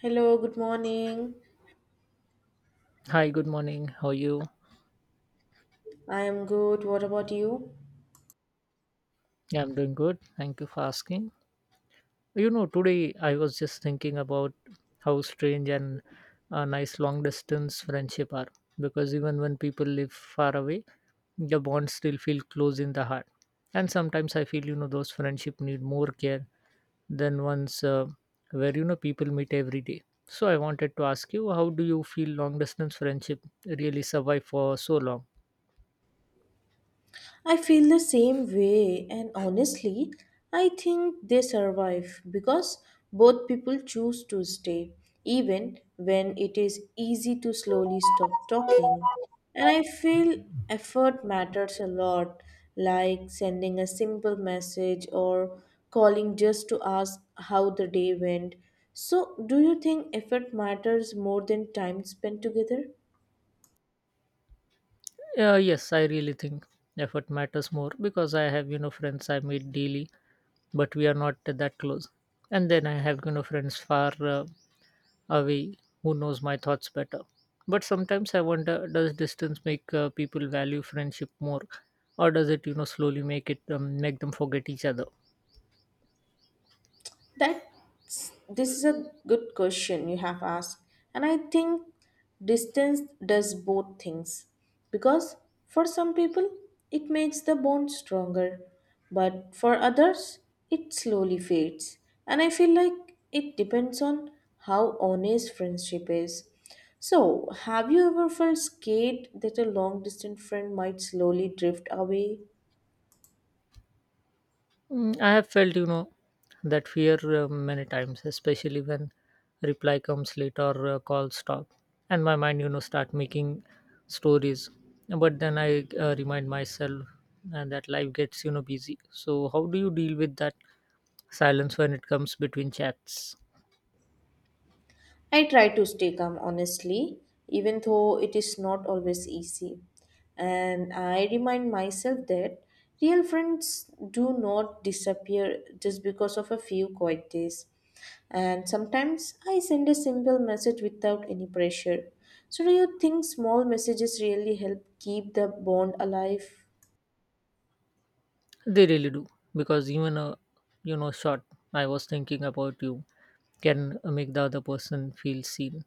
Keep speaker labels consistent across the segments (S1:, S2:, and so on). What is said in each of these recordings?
S1: Hello, good morning.
S2: Hi, good morning. How are you?
S1: I am good. What about you?
S2: Yeah, I'm doing good. Thank you for asking. You know, today I was just thinking about how strange and nice long distance friendship are, because even when people live far away, the bonds still feel close in the heart. And sometimes I feel, you know, those friendship need more care than ones where, you know, people meet every day. So I wanted to ask you, how do you feel long distance friendship really survive for so long?
S1: I feel the same way, and honestly, I think they survive because both people choose to stay, even when it is easy to slowly stop talking. And I feel effort matters a lot, like sending a simple message or calling just to ask how the day went. So, do you think effort matters more than time spent together?
S2: Yeah, yes, I really think effort matters more because I have, you know, friends I meet daily, but we are not that close. And then I have, you know, friends far away who knows my thoughts better. But sometimes I wonder, does distance make people value friendship more, or does it, you know, slowly make it make them forget each other?
S1: That's this is a good question you have asked, and I think distance does both things because for some people it makes the bond stronger, but for others it slowly fades, and I feel like it depends on how honest friendship is. So, have you ever felt scared that a long distance friend might slowly drift away?
S2: Mm, I have felt, you know, that fear many times, especially when reply comes late or call stop, and my mind, you know, start making stories. But then I remind myself that life gets, you know, busy. So how do you deal with that silence when it comes between chats?
S1: I try to stay calm honestly, even though it is not always easy. And I remind myself that real friends do not disappear just because of a few quiet days. And sometimes I send a simple message without any pressure. So, do you think small messages really help keep the bond alive?
S2: They really do, because even a, you know, short, I was thinking about you, can make the other person feel seen.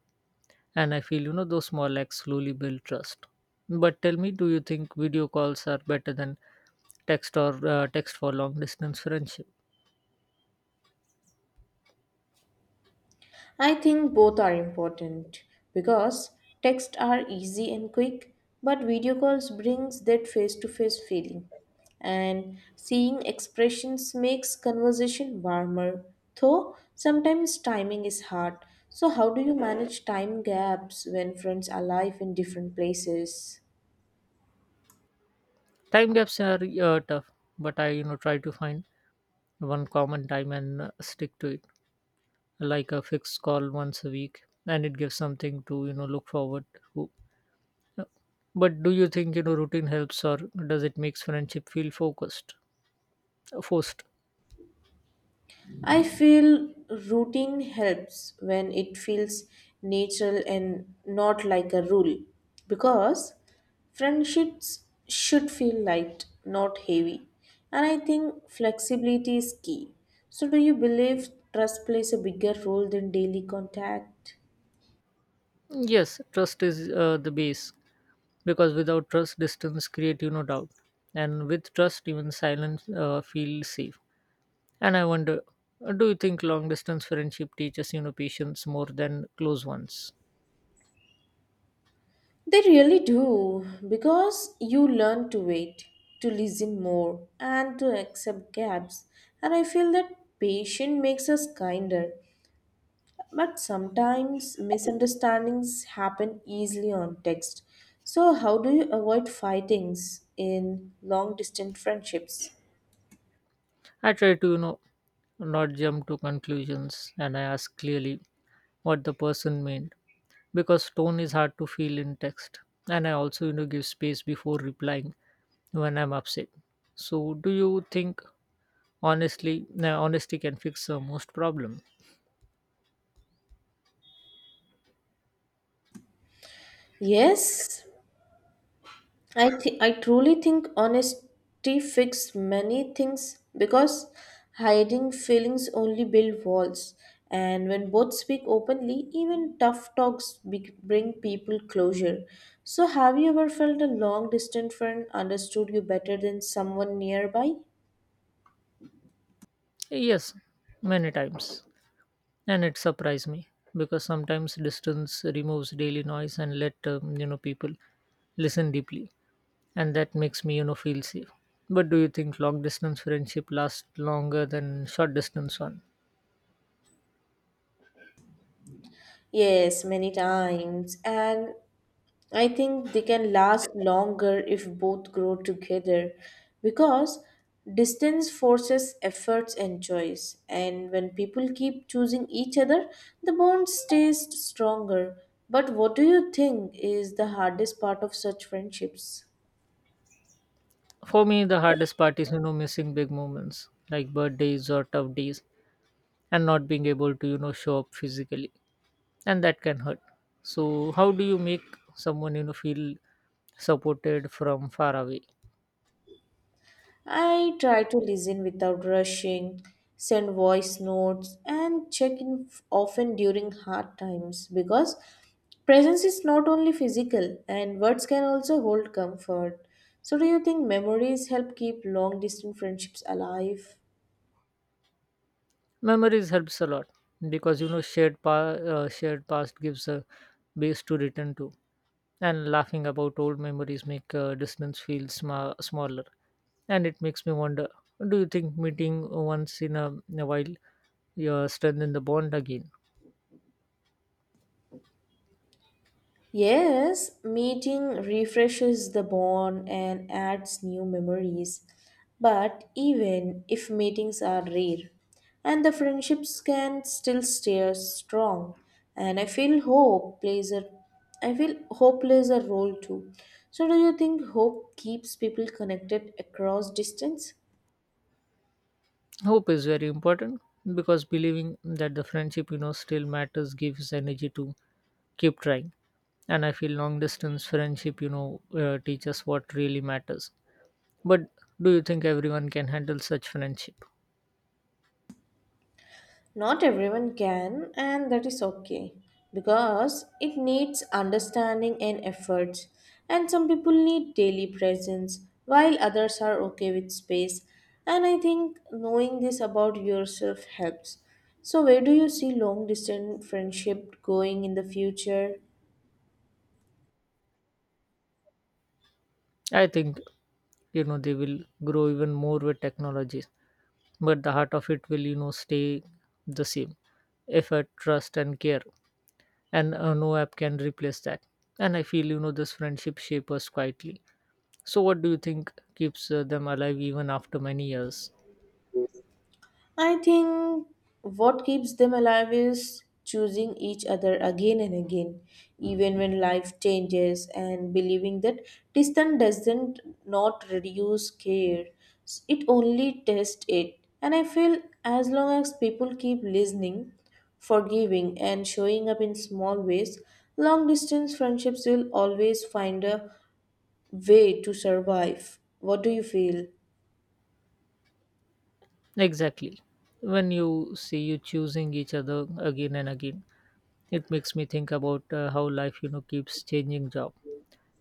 S2: And I feel, you know, those small acts slowly build trust. But tell me, do you think video calls are better than text or text for long distance friendship?
S1: I think both are important because texts are easy and quick, but video calls brings that face-to-face feeling. And seeing expressions makes conversation warmer, though sometimes timing is hard. So how do you manage time gaps when friends are live in different places?
S2: Time gaps are tough, but I, you know, try to find one common time and stick to it, like a fixed call once a week, and it gives something to, you know, look forward to. But do you think, you know, routine helps, or does it makes friendship feel forced?
S1: I feel routine helps when it feels natural and not like a rule because friendships should feel light, not heavy. And I think flexibility is key. So, do you believe trust plays a bigger role than daily contact?
S2: Yes, trust is the base. Because without trust, distance creates you no doubt, and with trust, even silence feels safe. And I wonder, do you think long distance friendship teaches, you know, patience more than close ones?
S1: They really do because you learn to wait, to listen more, and to accept gaps. And I feel that patience makes us kinder. But sometimes misunderstandings happen easily on text. So, how do you avoid fightings in long distance friendships?
S2: I try to, you know, not jump to conclusions, and I ask clearly what the person meant, because tone is hard to feel in text, and I also, you know, give space before replying when I'm upset. So do you think honestly honesty can fix most problem?
S1: Yes, I truly think honesty fixes many things because hiding feelings only build walls. And when both speak openly, even tough talks bring people closure. So, have you ever felt a long distance friend understood you better than someone nearby?
S2: Yes, many times. And it surprised me because sometimes distance removes daily noise and let you know, people listen deeply, and that makes me, you know, feel safe. But do you think long distance friendship lasts longer than short distance one?
S1: Yes, many times. And I think they can last longer if both grow together because distance forces efforts and choice. And when people keep choosing each other, the bond stays stronger. But what do you think is the hardest part of such friendships?
S2: For me, the hardest part is, you know, missing big moments like birthdays or tough days, and not being able to, you know, show up physically, and that can hurt. So how do you make someone, you know, feel supported from far away?
S1: I try to listen without rushing, send voice notes, and check in often during hard times because presence is not only physical, and words can also hold comfort. So, do you think memories help keep long distance friendships alive?
S2: Memories helps a lot because, you know, shared past gives a base to return to, and laughing about old memories make distance feel smaller. And it makes me wonder: do you think meeting once in a while strengthen the bond again?
S1: Yes, meeting refreshes the bond and adds new memories. But even if meetings are rare, and the friendships can still stay strong, and I feel hope plays a role too. So do you think hope keeps people connected across distance?
S2: Hope is very important because believing that the friendship, you know, still matters gives energy to keep trying. And I feel long distance friendship, you know, teaches what really matters. But do you think everyone can handle such friendship?
S1: Not everyone can, and that is okay because it needs understanding and efforts. And some people need daily presence, while others are okay with space. And I think knowing this about yourself helps. So, where do you see long distance friendship going in the future?
S2: I think, you know, they will grow even more with technologies, but the heart of it will, you know, stay the same. Effort, trust, and care, and no app can replace that. And I feel, you know, this friendship shapes us quietly. So what do you think keeps them alive even after many years?
S1: I think what keeps them alive is choosing each other again and again, even when life changes, and believing that distance doesn't not reduce care, it only tests it. And I feel as long as people keep listening, forgiving, and showing up in small ways, long distance friendships will always find a way to survive. What do you feel?
S2: Exactly. When you see you choosing each other again and again, it makes me think about how life, you know, keeps changing job,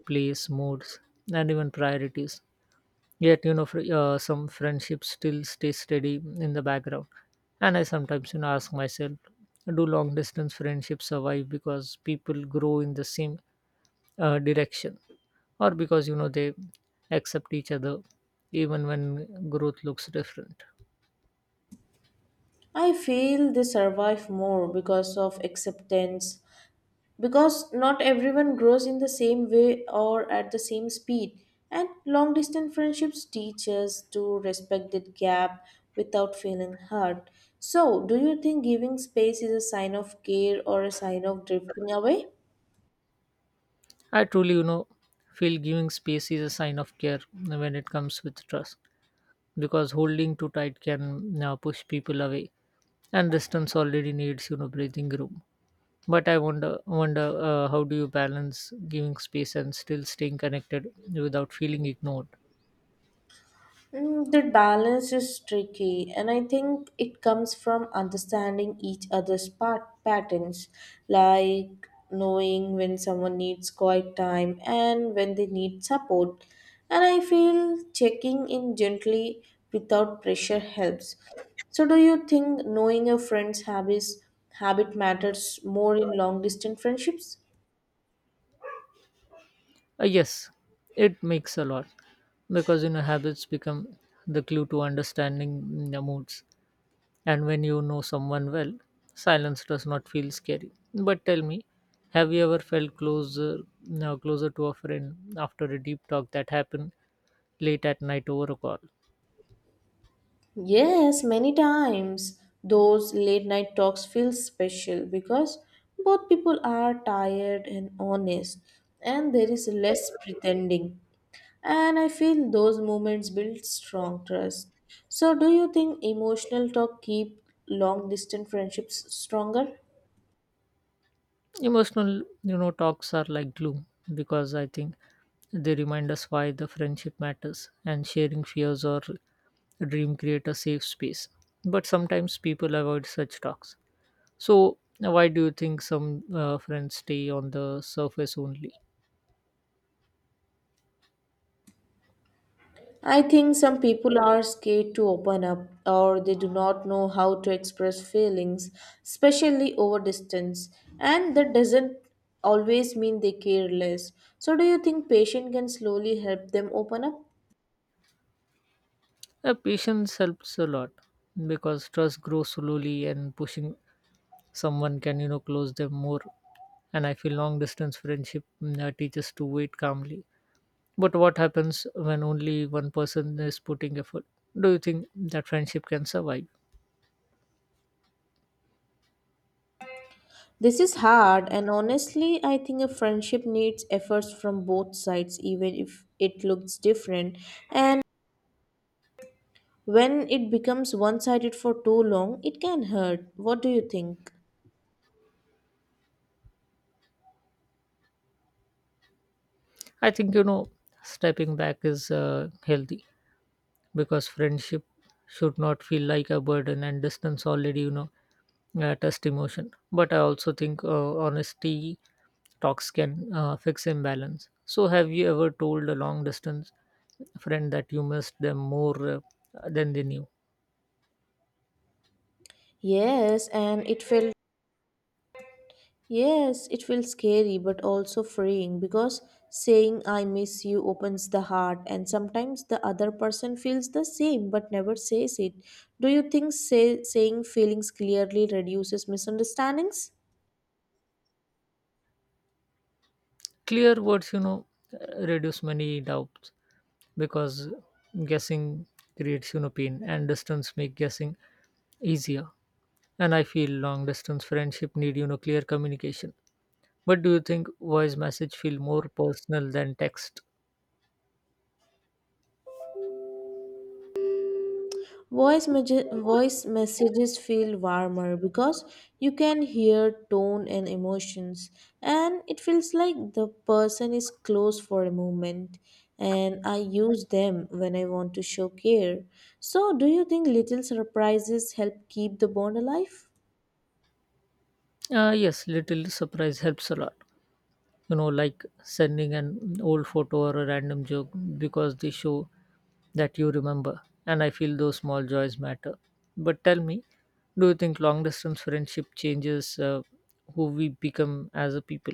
S2: place, moods, and even priorities. Yet, you know, some friendships still stay steady in the background. And I sometimes, you know, ask myself, do long distance friendships survive because people grow in the same direction, or because, you know, they accept each other even when growth looks different?
S1: I feel they survive more because of acceptance, because not everyone grows in the same way or at the same speed. And long distance friendships teach us to respect that gap without feeling hurt. So, do you think giving space is a sign of care or a sign of drifting away?
S2: I truly, you know, feel giving space is a sign of care when it comes with trust, because holding too tight can push people away, and distance already needs, you know, breathing room. But I wonder how do you balance giving space and still staying connected without feeling ignored?
S1: The balance is tricky, and I think it comes from understanding each other's part patterns, like knowing when someone needs quiet time and when they need support. And I feel checking in gently without pressure helps. So, do you think knowing a friend's habit matters more in long distance friendships?
S2: Uh, yes, it makes a lot because, you know, habits become the clue to understanding the moods. And when you know someone well, silence does not feel scary. But tell me, have you ever felt closer to a friend after a deep talk that happened late at night over a call?
S1: Yes, many times those late night talks feel special because both people are tired and honest, and there is less pretending. And I feel those moments build strong trust. So, do you think emotional talk keep long distance friendships stronger?
S2: Emotional, you know, talks are like glue, because I think they remind us why the friendship matters, and sharing fears or dream create a safe space. But sometimes people avoid such talks. So why do you think some friends stay on the surface only?
S1: I think some people are scared to open up or they do not know how to express feelings, especially over distance, and that doesn't always mean they care less. So, do you think patience can slowly help them open up?
S2: Yeah, patience helps a lot because trust grows slowly, and pushing someone can, you know, close them more. And I feel long distance friendship teaches to wait calmly. But what happens when only one person is putting effort? Do you think that friendship can survive?
S1: This is hard, and honestly, I think a friendship needs efforts from both sides, even if it looks different. And when it becomes one sided for too long, it can hurt. What do you think?
S2: I think, you know, stepping back is healthy, because friendship should not feel like a burden, and distance already, you know, test emotion. But I also think honesty talks can fix imbalance. So have you ever told a long distance friend that you missed them more than they knew?
S1: Yes, and it felt Yes, it feels scary but also freeing because saying I miss you opens the heart, and sometimes the other person feels the same but never says it. Do you think saying feelings clearly reduces misunderstandings?
S2: Clear words, you know, reduce many doubts, because guessing creates, you know, pain, and distance make guessing easier. And I feel long distance friendship need, you know, clear communication. But do you think voice message feel more personal than text?
S1: Voice messages feel warmer because you can hear tone and emotions, and it feels like the person is close for a moment. And I use them when I want to show care. So, do you think little surprises help keep the bond alive?
S2: Yes, little surprise helps a lot. You know, like sending an old photo or a random joke, because they show that you remember. And I feel those small joys matter. But tell me, do you think long distance friendship changes who we become as a people?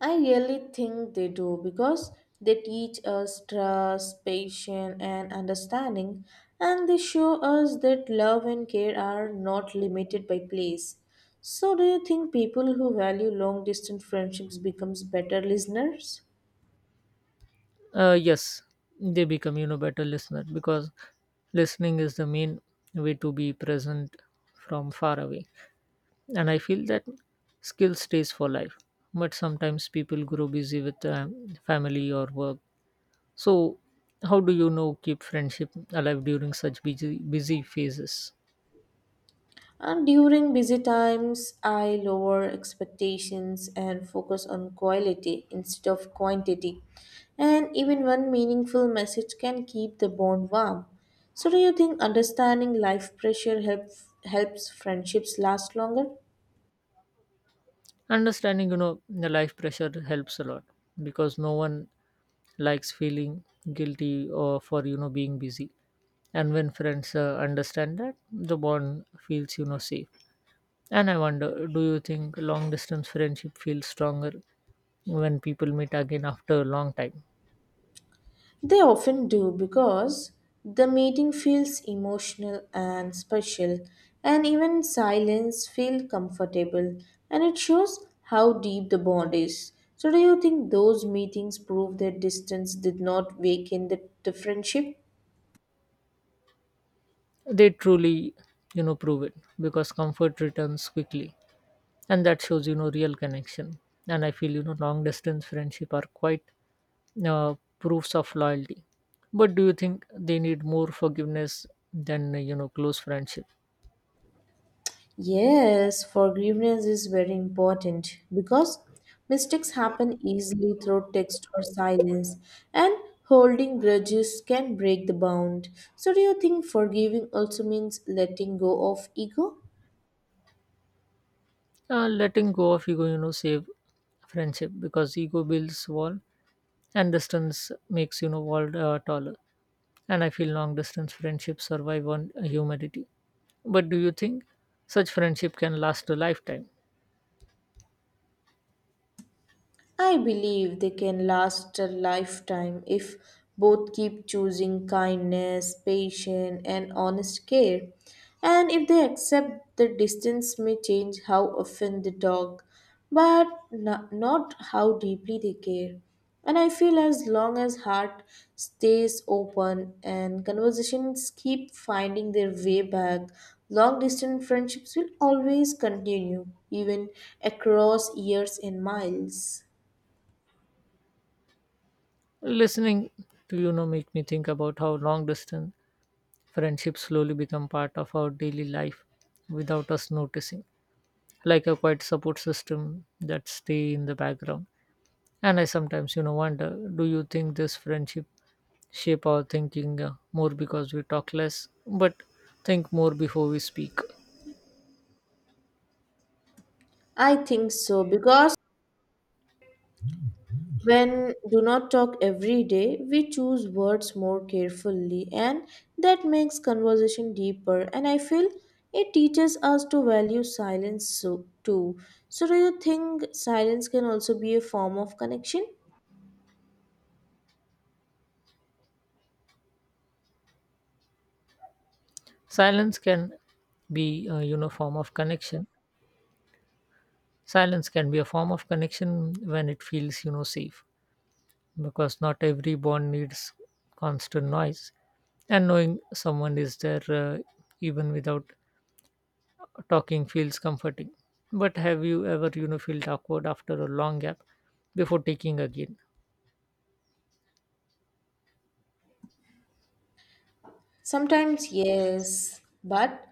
S1: I really think they do because they teach us trust, patience, and understanding, and they show us that love and care are not limited by place. So, do you think people who value long distance friendships becomes better listeners?
S2: Yes, they become, you know, better listener, because listening is the main way to be present from far away. And I feel that skill stays for life. But sometimes people grow busy with family or work. So how do you, know, keep friendship alive during such busy phases?
S1: And during busy times, I lower expectations and focus on quality instead of quantity. And even one meaningful message can keep the bond warm. So, do you think understanding life pressure helps friendships last longer?
S2: Understanding, you know, the life pressure helps a lot, because no one likes feeling guilty or for, you know, being busy. And when friends understand that, the bond feels, you know, safe. And I wonder, do you think long distance friendship feels stronger when people meet again after a long time?
S1: They often do because the meeting feels emotional and special, and even silence feels comfortable, and it shows how deep the bond is. So, do you think those meetings prove that distance did not weaken the friendship?
S2: They truly, you know, prove it, because comfort returns quickly, and that shows, you know, real connection. And I feel, you know, long distance friendship are quite proofs of loyalty. But do you think they need more forgiveness than, you know, close friendship?
S1: Yes, forgiveness is very important because mistakes happen easily through text or silence, and holding grudges can break the bond. So, do you think forgiving also means letting go of ego?
S2: Letting go of ego, you know, save friendship, because ego builds wall, and distance makes, you know, wall taller. And I feel long distance friendships survive on humility. But do you think such friendship can last a lifetime?
S1: I believe they can last a lifetime if both keep choosing kindness, patience, and honest care. And if they accept the distance may change how often they talk, but not how deeply they care. And I feel as long as heart stays open and conversations keep finding their way back, long distance friendships will always continue, even across years and miles.
S2: Listening to, you know, make me think about how long distance friendships slowly become part of our daily life without us noticing, like a quiet support system that stay in the background. And I sometimes, you know, wonder, do you think this friendship shape our thinking more because we talk less, but think more before we speak?
S1: I think so because when do not talk every day, we choose words more carefully and that makes conversation deeper and I feel it teaches us to value silence so too. So do you think silence can also be a form of connection?
S2: Silence can be, you know, form of connection. Silence can be a form of connection when it feels, you know, safe, because not every bond needs constant noise. And knowing someone is there, even without talking, feels comforting. But have you ever, you know, felt awkward after a long gap before taking again?
S1: Sometimes, yes, but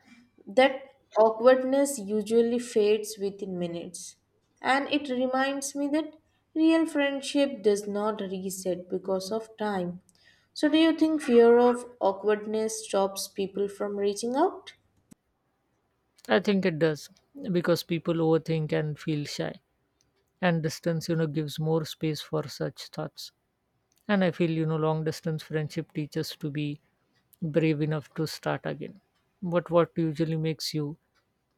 S1: that awkwardness usually fades within minutes. And it reminds me that real friendship does not reset because of time. So, do you think fear of awkwardness stops people from reaching out?
S2: I think it does, because people overthink and feel shy, and distance, you know, gives more space for such thoughts. And I feel, you know, long distance friendship teaches to be brave enough to start again. But what usually makes you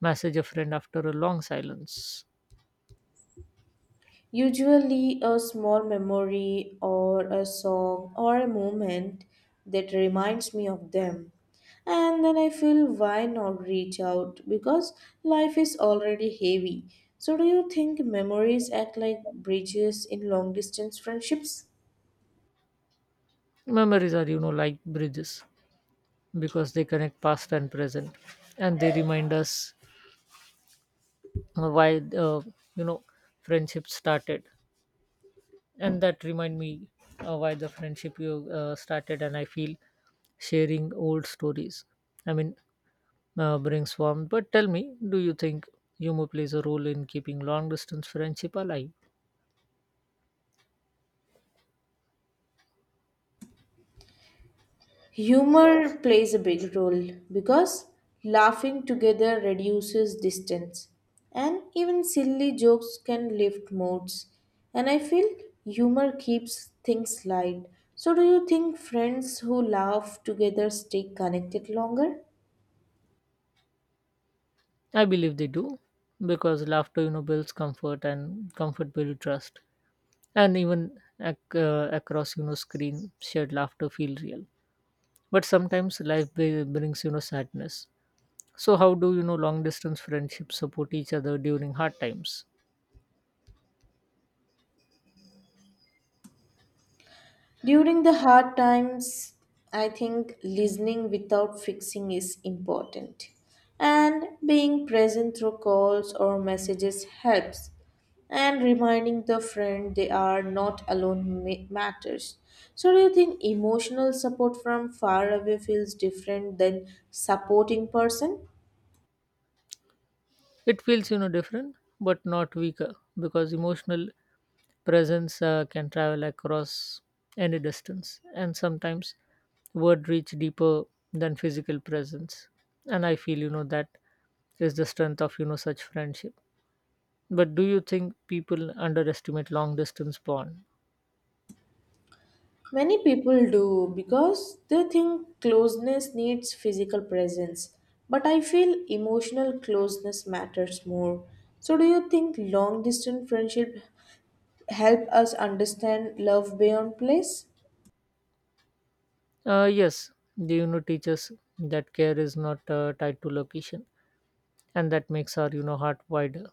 S2: message a friend after a long silence?
S1: Usually, a small memory or a song or a moment that reminds me of them. And then I feel why not reach out because life is already heavy. So, do you think memories act like bridges in long distance friendships?
S2: Memories are, you know, like bridges, because they connect past and present, and they remind us why uh, you know, friendship started. And that remind me why the friendship you started and I feel sharing old stories, i mean brings warmth. But tell me, do you think humor plays a role in keeping long distance friendship alive?
S1: Humor plays a big role because laughing together reduces distance, and even silly jokes can lift moods. And I feel humor keeps things light. So, do you think friends who laugh together stay connected longer?
S2: I believe they do, because laughter, you know, builds comfort, and comfort builds trust. And even across, you know, screen, shared laughter feel real. But sometimes brings, you know, sadness. So how do you know, long distance friendships support each other during hard times?
S1: During the hard times, I think listening without fixing is important. And being present through calls or messages helps. And reminding the friend they are not alone matters. So, do you think emotional support from far away feels different than supporting person?
S2: It feels different, but not weaker because emotional presence can travel across any distance, and sometimes word reach deeper than physical presence. And I feel that is the strength of such friendship. But do you think people underestimate long distance bond?
S1: Many people do because they think closeness needs physical presence, but I feel emotional closeness matters more. So, do you think long distance friendship help us understand love beyond place?
S2: Yes, they teach us that care is not tied to location, and that makes our heart wider,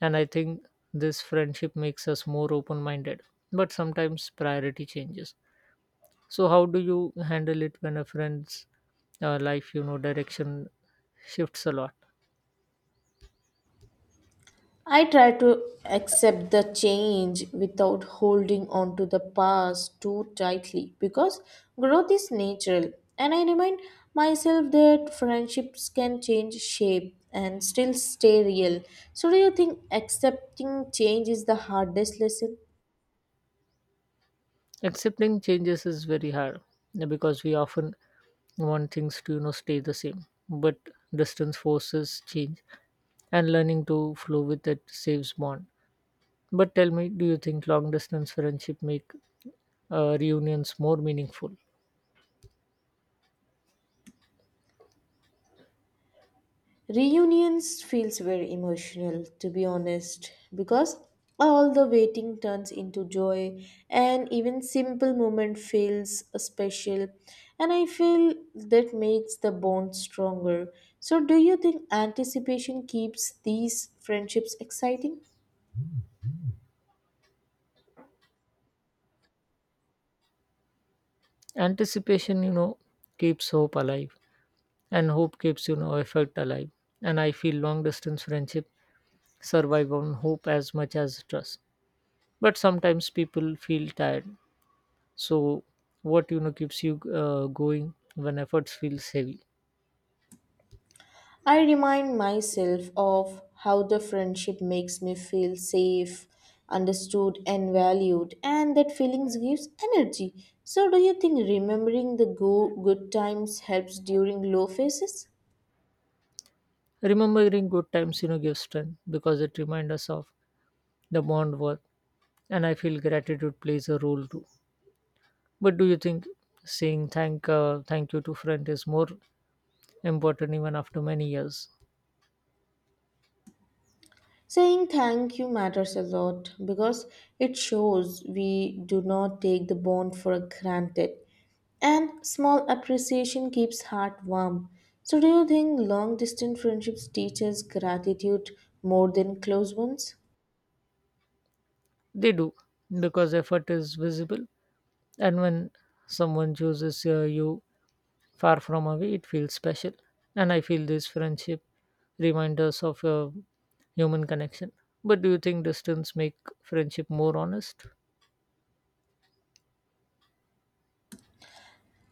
S2: and I think this friendship makes us more open minded. But sometimes priority changes, so how do you handle it when a friend's life direction shifts a lot?
S1: I try to accept the change without holding on to the past too tightly because growth is natural. And I remind myself that friendships can change shape and still stay real. So, do you think accepting change is the hardest lesson?
S2: Accepting changes is very hard because we often want things to stay the same, but distance forces change, and learning to flow with it saves bond. But tell me, do you think long distance friendship make reunions more meaningful?
S1: Reunions feels very emotional to be honest because all the waiting turns into joy and even simple moment feels special and I feel that makes the bond stronger. So do you think anticipation keeps these friendships exciting?
S2: Anticipation, keeps hope alive, and hope keeps, effort alive. And I feel long distance friendship survive on hope as much as trust. But sometimes people feel tired. So, what, keeps you going when efforts feels heavy?
S1: I remind myself of how the friendship makes me feel safe, understood, and valued, and that feelings gives energy. So, do you think remembering the good times helps during low phases?
S2: Remembering good times, gives strength because it reminds us of the bond worth. And I feel gratitude plays a role too. But do you think saying thank you to friend is more important even after many years?
S1: Saying thank you matters a lot because it shows we do not take the bond for granted, and small appreciation keeps heart warm. So, do you think long distance friendships teach us gratitude more than close ones?
S2: They do because effort is visible, and when someone chooses you far from away, it feels special. And I feel this friendship reminds us of a human connection. But do you think distance make friendship more honest?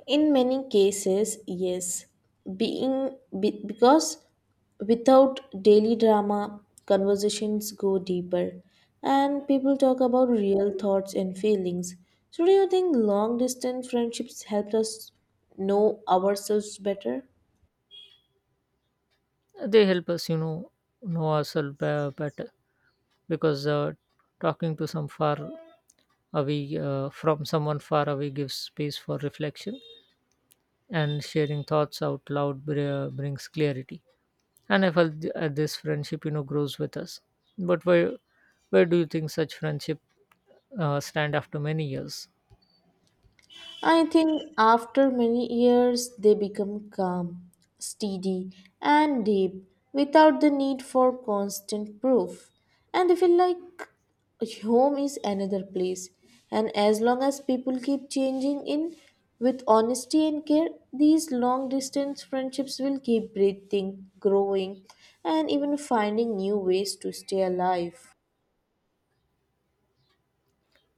S1: In many cases, yes, because without daily drama, conversations go deeper and people talk about real thoughts and feelings. So, do you think long distance friendships helped us know ourselves better?
S2: They help us, know ourselves better because talking to some far away from someone far away gives space for reflection, and sharing thoughts out loud brings clarity. And I felt this friendship grows with us. But where do you think such friendship stand after many years?
S1: I think after many years they become calm, steady, and deep without the need for constant proof. And they feel like home is another place. And as long as people keep changing in with honesty and care, these long distance friendships will keep breathing, growing, and even finding new ways to stay alive.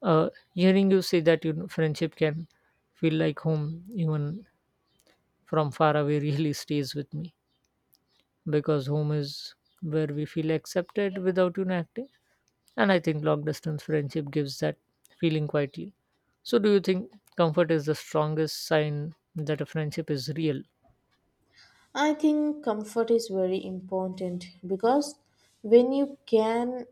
S2: uh, Hearing you say that friendship can feel like home even from far away really stays with me because home is where we feel accepted without acting, and I think long distance friendship gives that feeling quietly. So do you think comfort is the strongest sign that a friendship is real?
S1: I think comfort is very important because when you can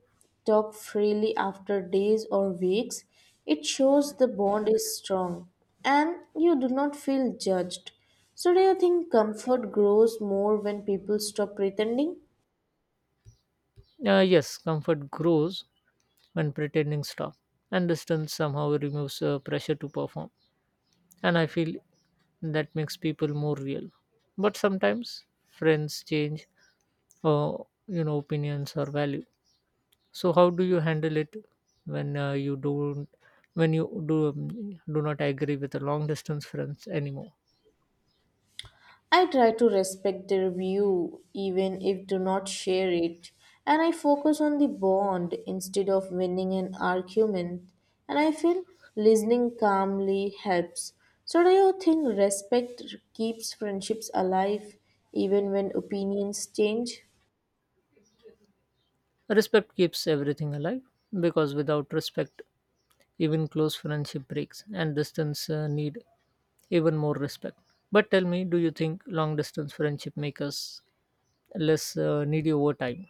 S1: talk freely after days or weeks, it shows the bond is strong and you do not feel judged. So, do you think comfort grows more when people stop pretending?
S2: Yes, comfort grows when pretending stop, and distance somehow removes pressure to perform. And I feel that makes people more real. But sometimes friends change, or opinions or value. So how do you handle it when you don't, when you do not agree with a long distance friends anymore?
S1: I try to respect their view even if do not share it and I focus on the bond instead of winning an argument and I feel listening calmly helps. So do you think respect keeps friendships alive even when opinions change?
S2: Respect keeps everything alive because without respect, even close friendship breaks, and distance need even more respect. But tell me, do you think long distance friendship make us less needy over time?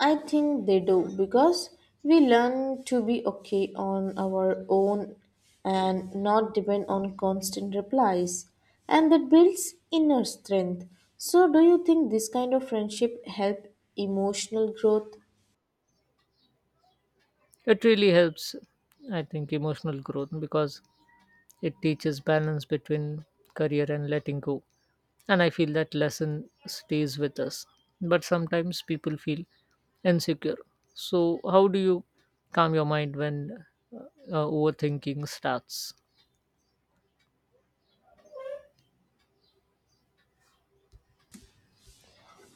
S1: I think they do because we learn to be okay on our own and not depend on constant replies, and that builds inner strength. So, do you think this kind of friendship help emotional growth?
S2: It really helps, I think, emotional growth because it teaches balance between career and letting go. And I feel that lesson stays with us. But sometimes people feel insecure. So, how do you calm your mind when uh, overthinking starts?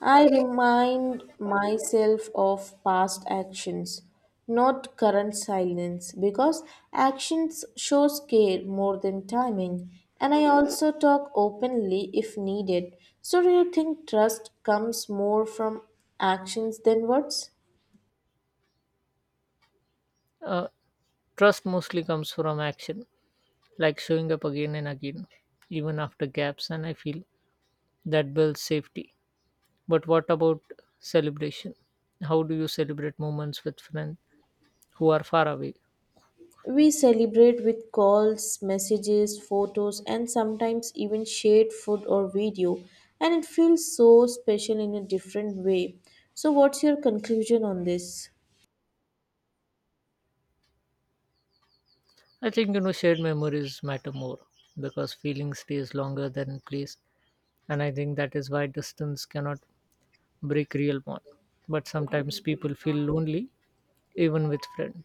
S1: I remind myself of past actions, not current silence, because actions shows care more than timing. And I also talk openly if needed. So, do you think trust comes more from actions than words?
S2: Uh, Trust mostly comes from action, like showing up again and again, even after gaps. And I feel that builds safety. But what about celebration? How do you celebrate moments with friends who are far away?
S1: We celebrate with calls, messages, photos, and sometimes even shared food or video, and it feels so special in a different way. So, what's your conclusion on this?
S2: I think shared memories matter more because feeling stays longer than place, and I think that is why distance cannot break real bond. But sometimes people feel lonely even with friends.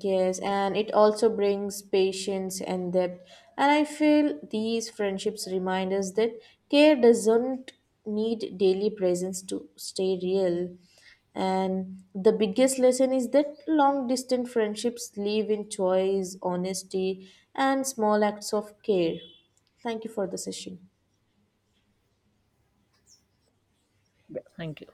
S1: Yes, and it also brings patience and depth. And I feel these friendships remind us that care doesn't need daily presence to stay real. And the biggest lesson is that long distance friendships live in choice, honesty, and small acts of care. Thank you for the session.
S2: Thank you.